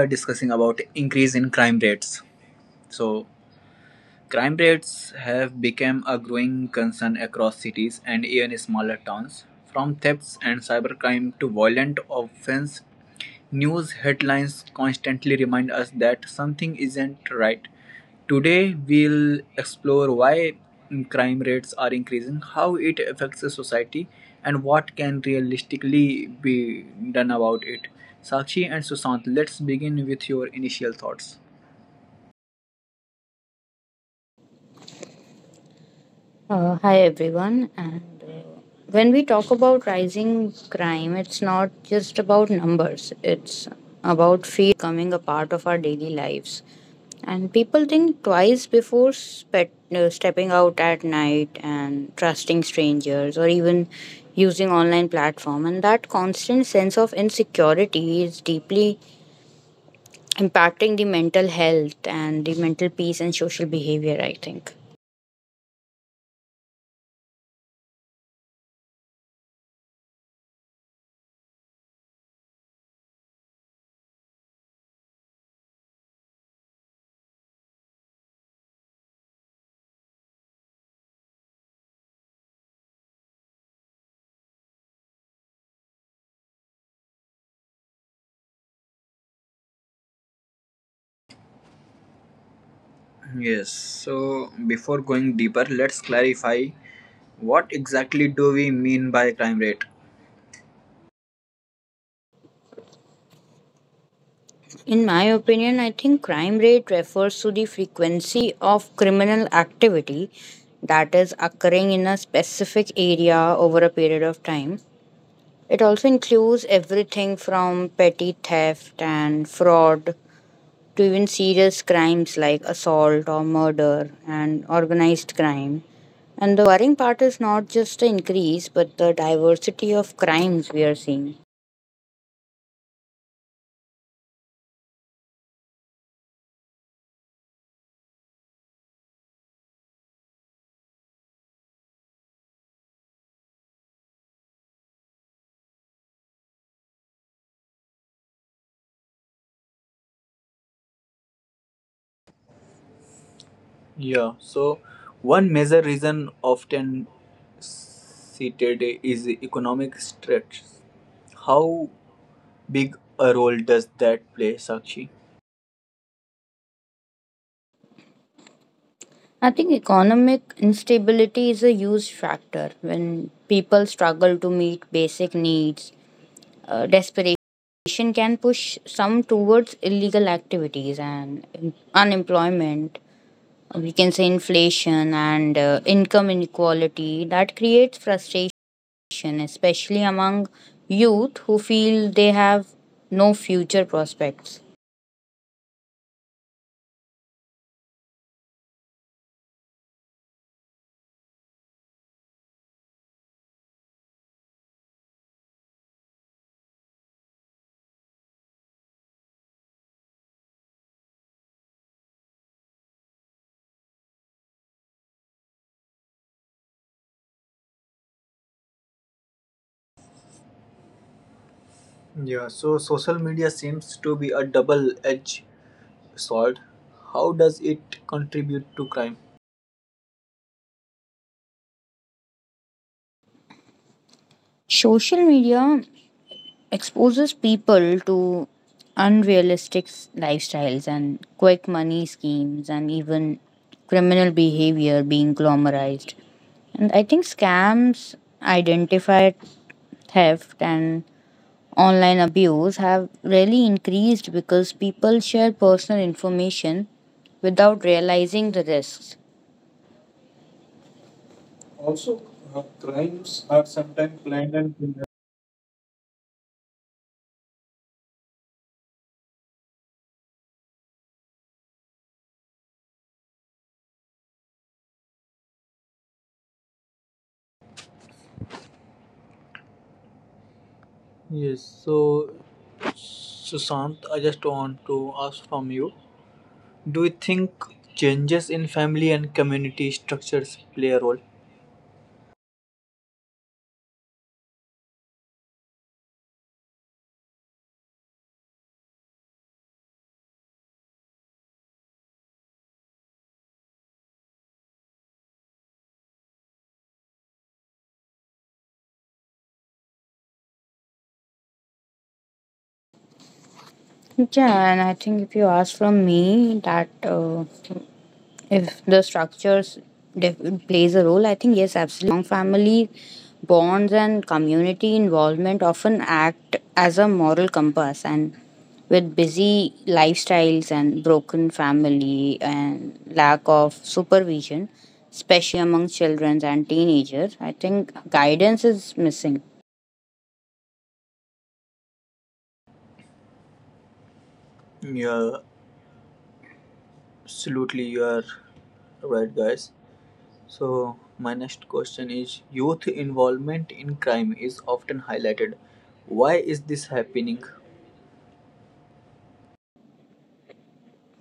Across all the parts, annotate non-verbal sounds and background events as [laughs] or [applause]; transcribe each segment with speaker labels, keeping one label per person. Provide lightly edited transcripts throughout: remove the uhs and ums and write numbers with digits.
Speaker 1: are discussing about increase in crime rates. So crime rates have become a growing concern across cities and even smaller towns. From thefts and cybercrime to violent offense, news headlines constantly remind us that something isn't right. Today, we'll explore why crime rates are increasing, how it affects the society, and what can realistically be done about it. Sakshi and Susant, let's begin with your initial thoughts.
Speaker 2: Hi everyone, and when we talk about rising crime, it's not just about numbers, it's about fear becoming a part of our daily lives. And people think twice before stepping out at night and trusting strangers or even using online platform, and that constant sense of insecurity is deeply impacting the mental health and the mental peace and social behavior, I think
Speaker 1: Yes, so before going deeper, let's clarify what exactly do we mean by crime rate?
Speaker 2: in my opinion. I think crime rate refers to the frequency of criminal activity that is occurring in a specific area over a period of time. It also includes everything from petty theft and fraud to even serious crimes like assault or murder and organized crime. And the worrying part is not just the increase, but the diversity of crimes we are seeing.
Speaker 1: Yeah, so one major reason often cited is economic stress. How big a role does that play, Sakshi?
Speaker 2: I think economic instability is a huge factor when people struggle to meet basic needs. Desperation can push some towards illegal activities, and unemployment, we can say inflation and income inequality, that creates frustration, especially among youth who feel they have no future prospects.
Speaker 1: Yeah, so social media seems to be a double edged sword. How does it contribute to crime?
Speaker 2: Social media exposes people to unrealistic lifestyles and quick money schemes and even criminal behavior being glamorized. And I think scams, identified theft, and online abuse have really increased because people share personal information without realizing the risks.
Speaker 1: Yes, so Sushant, I just want to ask from you, do you think changes in family and community structures play a role?
Speaker 2: Yeah, and I think if you ask from me that if the structures def- plays a role, I think yes, absolutely. Family bonds and community involvement often act as a moral compass, and with busy lifestyles and broken family and lack of supervision, especially among children and teenagers, I think guidance is missing.
Speaker 1: Yeah, absolutely. You are right, guys. So, my next question is, youth involvement in crime is often highlighted. Why is this happening?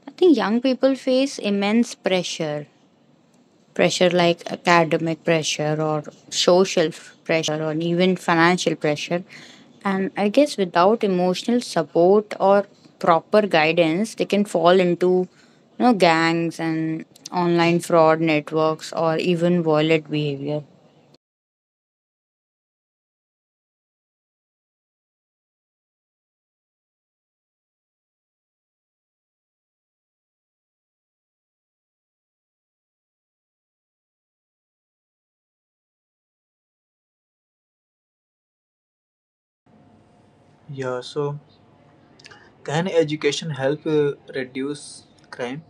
Speaker 2: I think young people face immense pressure like academic pressure or social pressure or even financial pressure. And I guess without emotional support or proper guidance, they can fall into gangs and online fraud networks or even violent behavior.
Speaker 1: Yeah, so can education help reduce crime?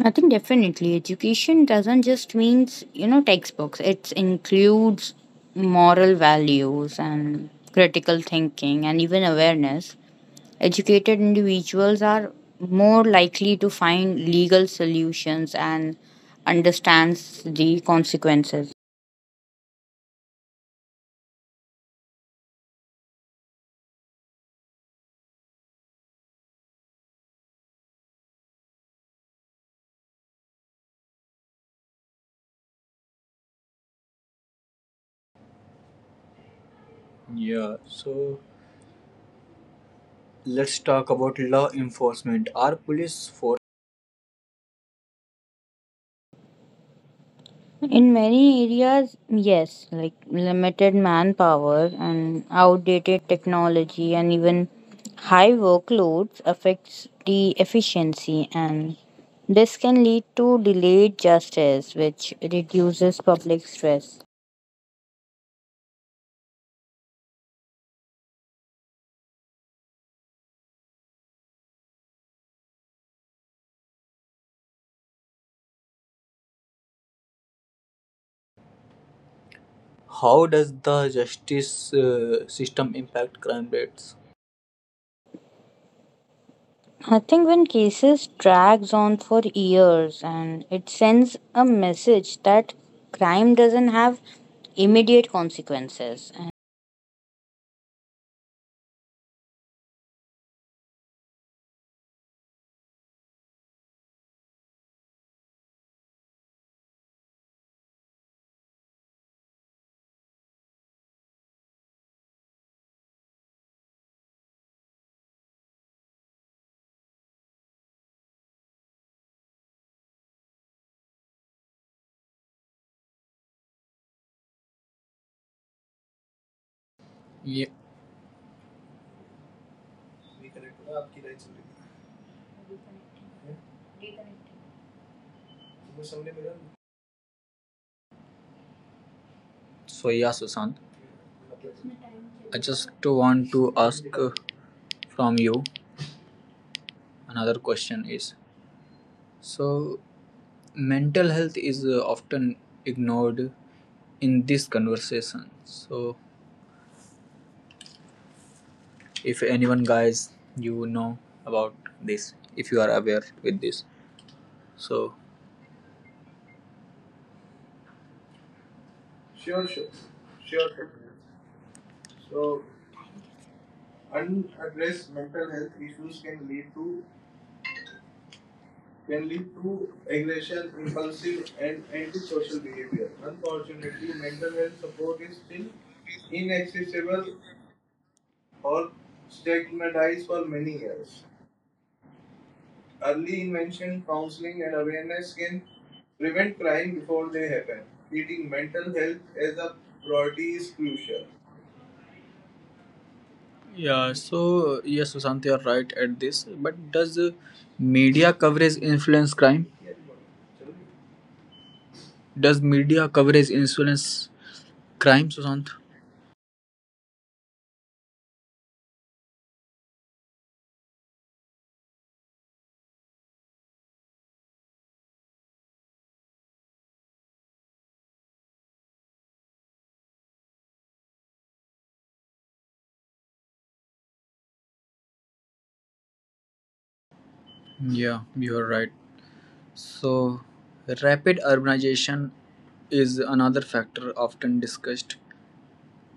Speaker 2: I think definitely education doesn't just means textbooks. It includes moral values and critical thinking and even awareness. Educated individuals are more likely to find legal solutions and understands the consequences.
Speaker 1: Yeah, so let's talk about law enforcement. Our police force,
Speaker 2: In many areas, yes, like limited manpower and outdated technology and even high workloads affects the efficiency, and this can lead to delayed justice which reduces public stress.
Speaker 1: how does the justice system impact crime rates?
Speaker 2: I think when cases drags on for years, and it sends a message that crime doesn't have immediate consequences.
Speaker 1: Yeah, reconnect. So yeah, Sushant, I just want to ask from you another question is, so mental health is often ignored in this conversation. So if anyone guys you know about this, if you are aware with this, so sure, sure. Sure, sure. So, unaddressed mental health issues can lead to can lead to aggression, impulsive, and antisocial behavior. Unfortunately, mental health support is still inaccessible or stigmatized for many years. Early intervention, counseling, and awareness can prevent crime before they happen. Treating mental health as a priority is crucial. Yeah, so yes, Sushant, you are right at this. But does media coverage influence crime? Does media coverage influence crime, Sushant? Yeah, you're right. So, rapid urbanization is another factor often discussed.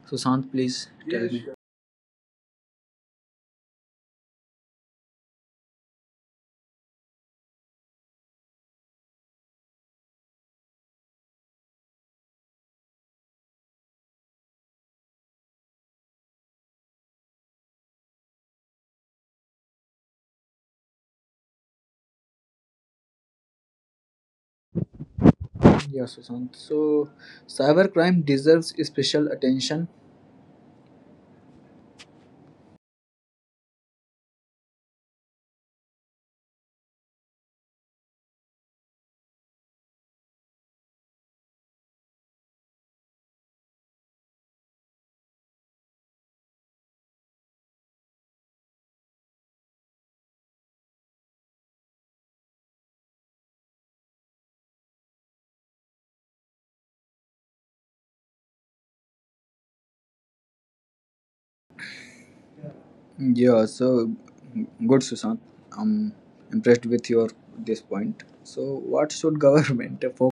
Speaker 1: Sushant, please tell. Yes, me. Sure. Yeah, Sushant. So, cybercrime deserves special attention. Yeah, so good, Sushant. I'm impressed with your this point. So, what should [laughs] government focus?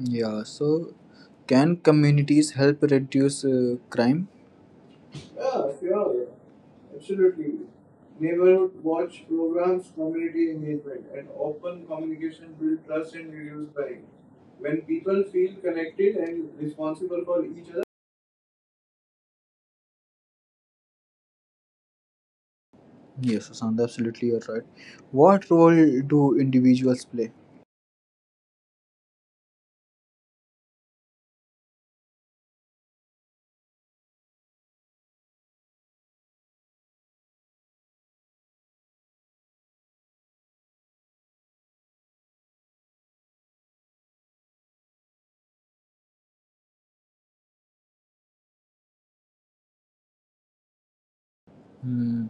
Speaker 1: Yeah, so can communities help reduce crime? Yeah, sure. Absolutely. Neighborhood watch programs, community engagement, and open communication build trust and reduce barriers. When people feel connected and responsible for each other, yes, Asanda, absolutely, you're right. What role do individuals play? Hmm.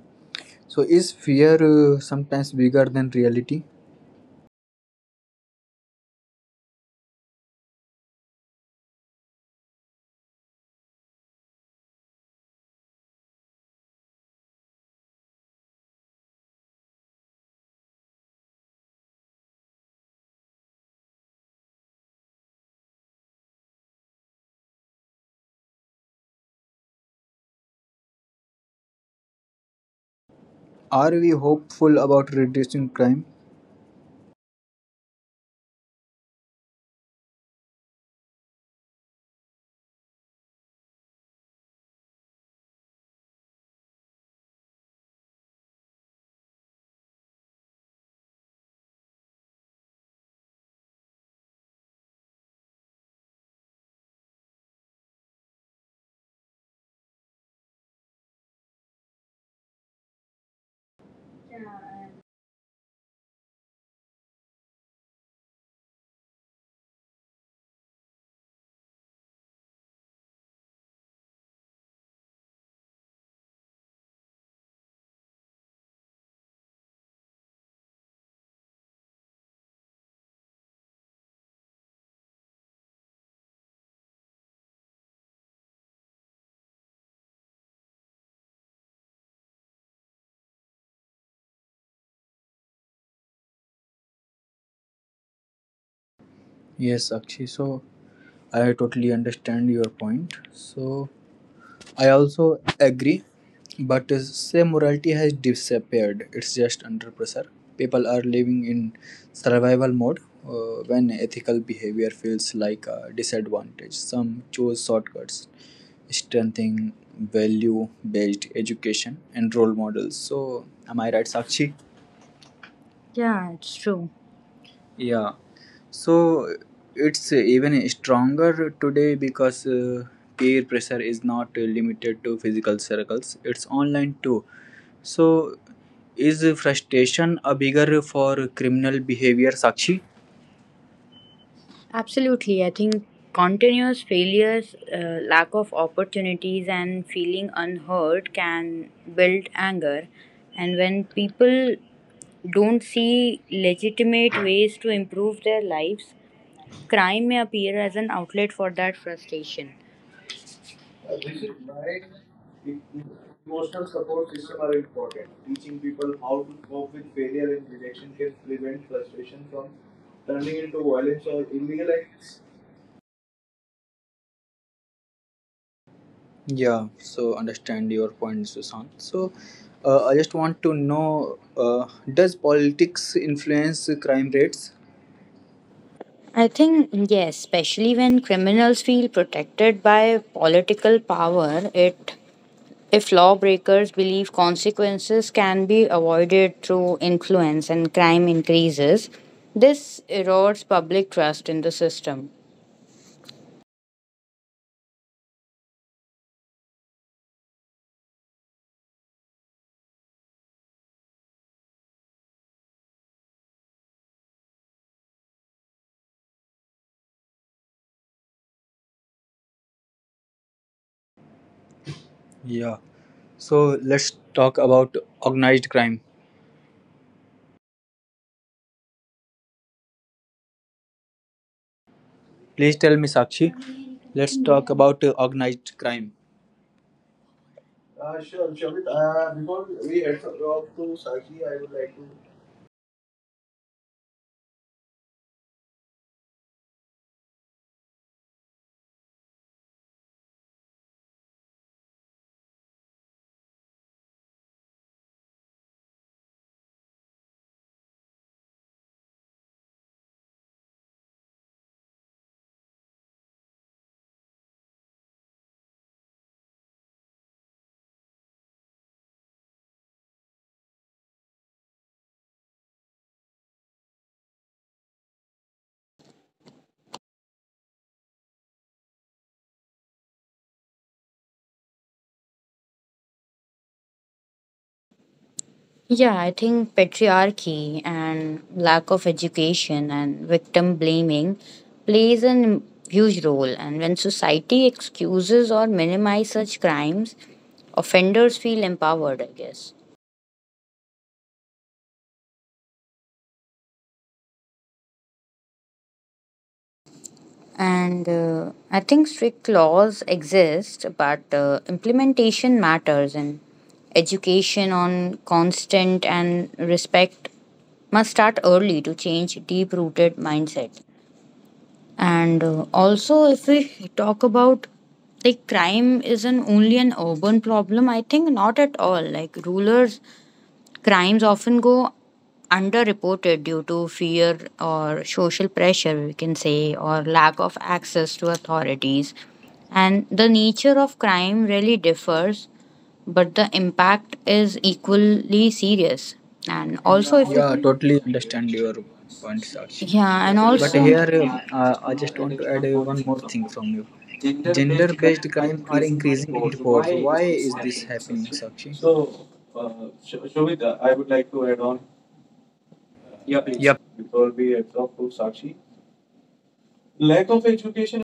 Speaker 1: So, is fear sometimes bigger than reality? Are we hopeful about reducing crime? Yes, Akshay. So, I totally understand your point. So, I also agree, but say morality has disappeared. It's just under pressure. People are living in survival mode when ethical behavior feels like a disadvantage. Some choose shortcuts, strengthening value based education and role models. So, am I right, Sakshi? Yeah, it's true. Yeah, so it's even stronger today because peer pressure is not limited to physical circles, it's online too. So, is frustration a bigger for criminal behavior, Sakshi? Absolutely. I think continuous failures, lack of opportunities, and feeling unheard can build anger. And when people don't see legitimate ways to improve their lives, crime may appear as an outlet for that frustration. This is why emotional support system are important. Teaching people how to cope with failure and rejection can prevent frustration from turning into violence or illegal acts. Yeah, so understand your point, Susan. So, I just want to know, does politics influence crime rates?
Speaker 2: I think, yes, especially when criminals feel protected by political power, it if lawbreakers believe consequences can be avoided through influence and crime increases, this erodes public trust in the system.
Speaker 1: Yeah. So let's talk about organized crime. Please tell me, Sakshi. Let's talk about organized crime. Sure, Shavit. Before we head off to Sakshi, I would like to
Speaker 2: Yeah, I think patriarchy and lack of education and victim blaming plays an huge role. And when society excuses or minimize such crimes, offenders feel empowered, I guess. And I think strict laws exist, but implementation matters, and education on constant and respect must start early to change deep rooted mindset. And also, if we talk about like crime isn't only an urban problem, I think not at all. Like rulers crimes often go underreported due to fear or social pressure, we can say, or lack of access to authorities. And the nature of crime really differs, but the impact is equally serious. And also, if we
Speaker 3: Yeah, totally understand your point, Sakshi.
Speaker 2: yeah, and
Speaker 3: But
Speaker 2: also
Speaker 3: here, I just want to add one more thing from you. Gender-based crime are increasing in reports. Why is this happening, Sakshi?
Speaker 2: so, uh, Shobit, I would like to add on. Yeah, please.
Speaker 3: Yep.
Speaker 2: Before we absorb to Sakshi. Lack of education.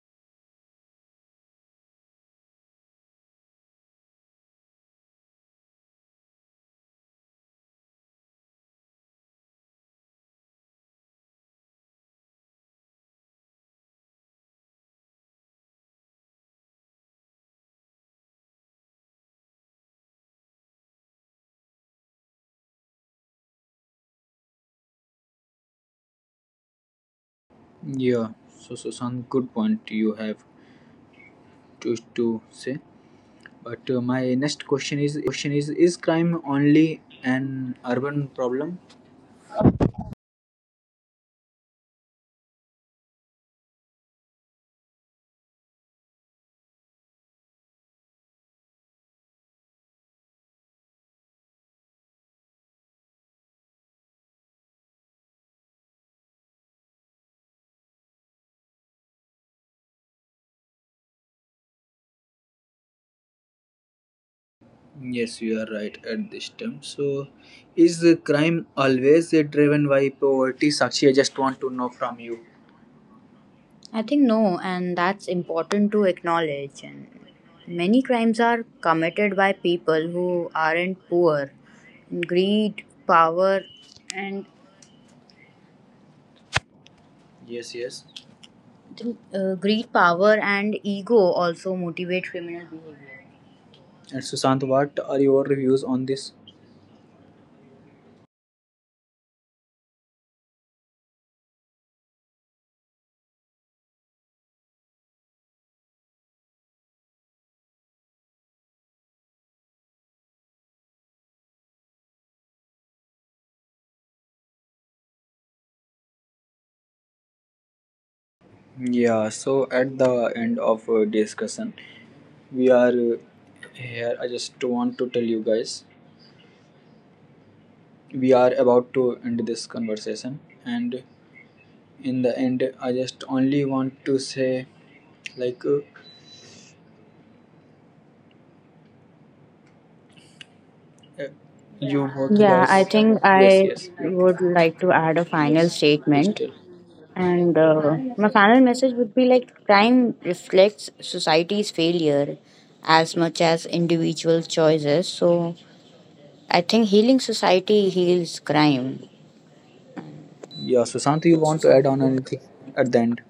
Speaker 3: Yeah, so Susan, good point you have to say. But my next question is crime only an urban problem? Yes, you are right at this time. So, is the crime always driven by poverty? Sakshi, I just want to know from you. I think no, and that's important to acknowledge. And many crimes are committed by people who aren't poor. Greed, power, and yes, yes, I think, greed, power, and ego also motivate criminal behavior. And Sushant, what are your reviews on this? Yeah, so at the end of discussion, we are here. I just want to tell you guys we are about to end this conversation, and in the end I just only want to say like uh, you both
Speaker 2: Yeah,
Speaker 3: guys,
Speaker 2: I think
Speaker 3: yes,
Speaker 2: I
Speaker 3: yes,
Speaker 2: would like to add a final
Speaker 3: yes, please
Speaker 2: statement.
Speaker 3: tell.
Speaker 2: And my final message would be like crime reflects society's failure as much as individual choices. So I think healing society heals crime.
Speaker 3: Yeah, Sushant, you want to add on anything at the end?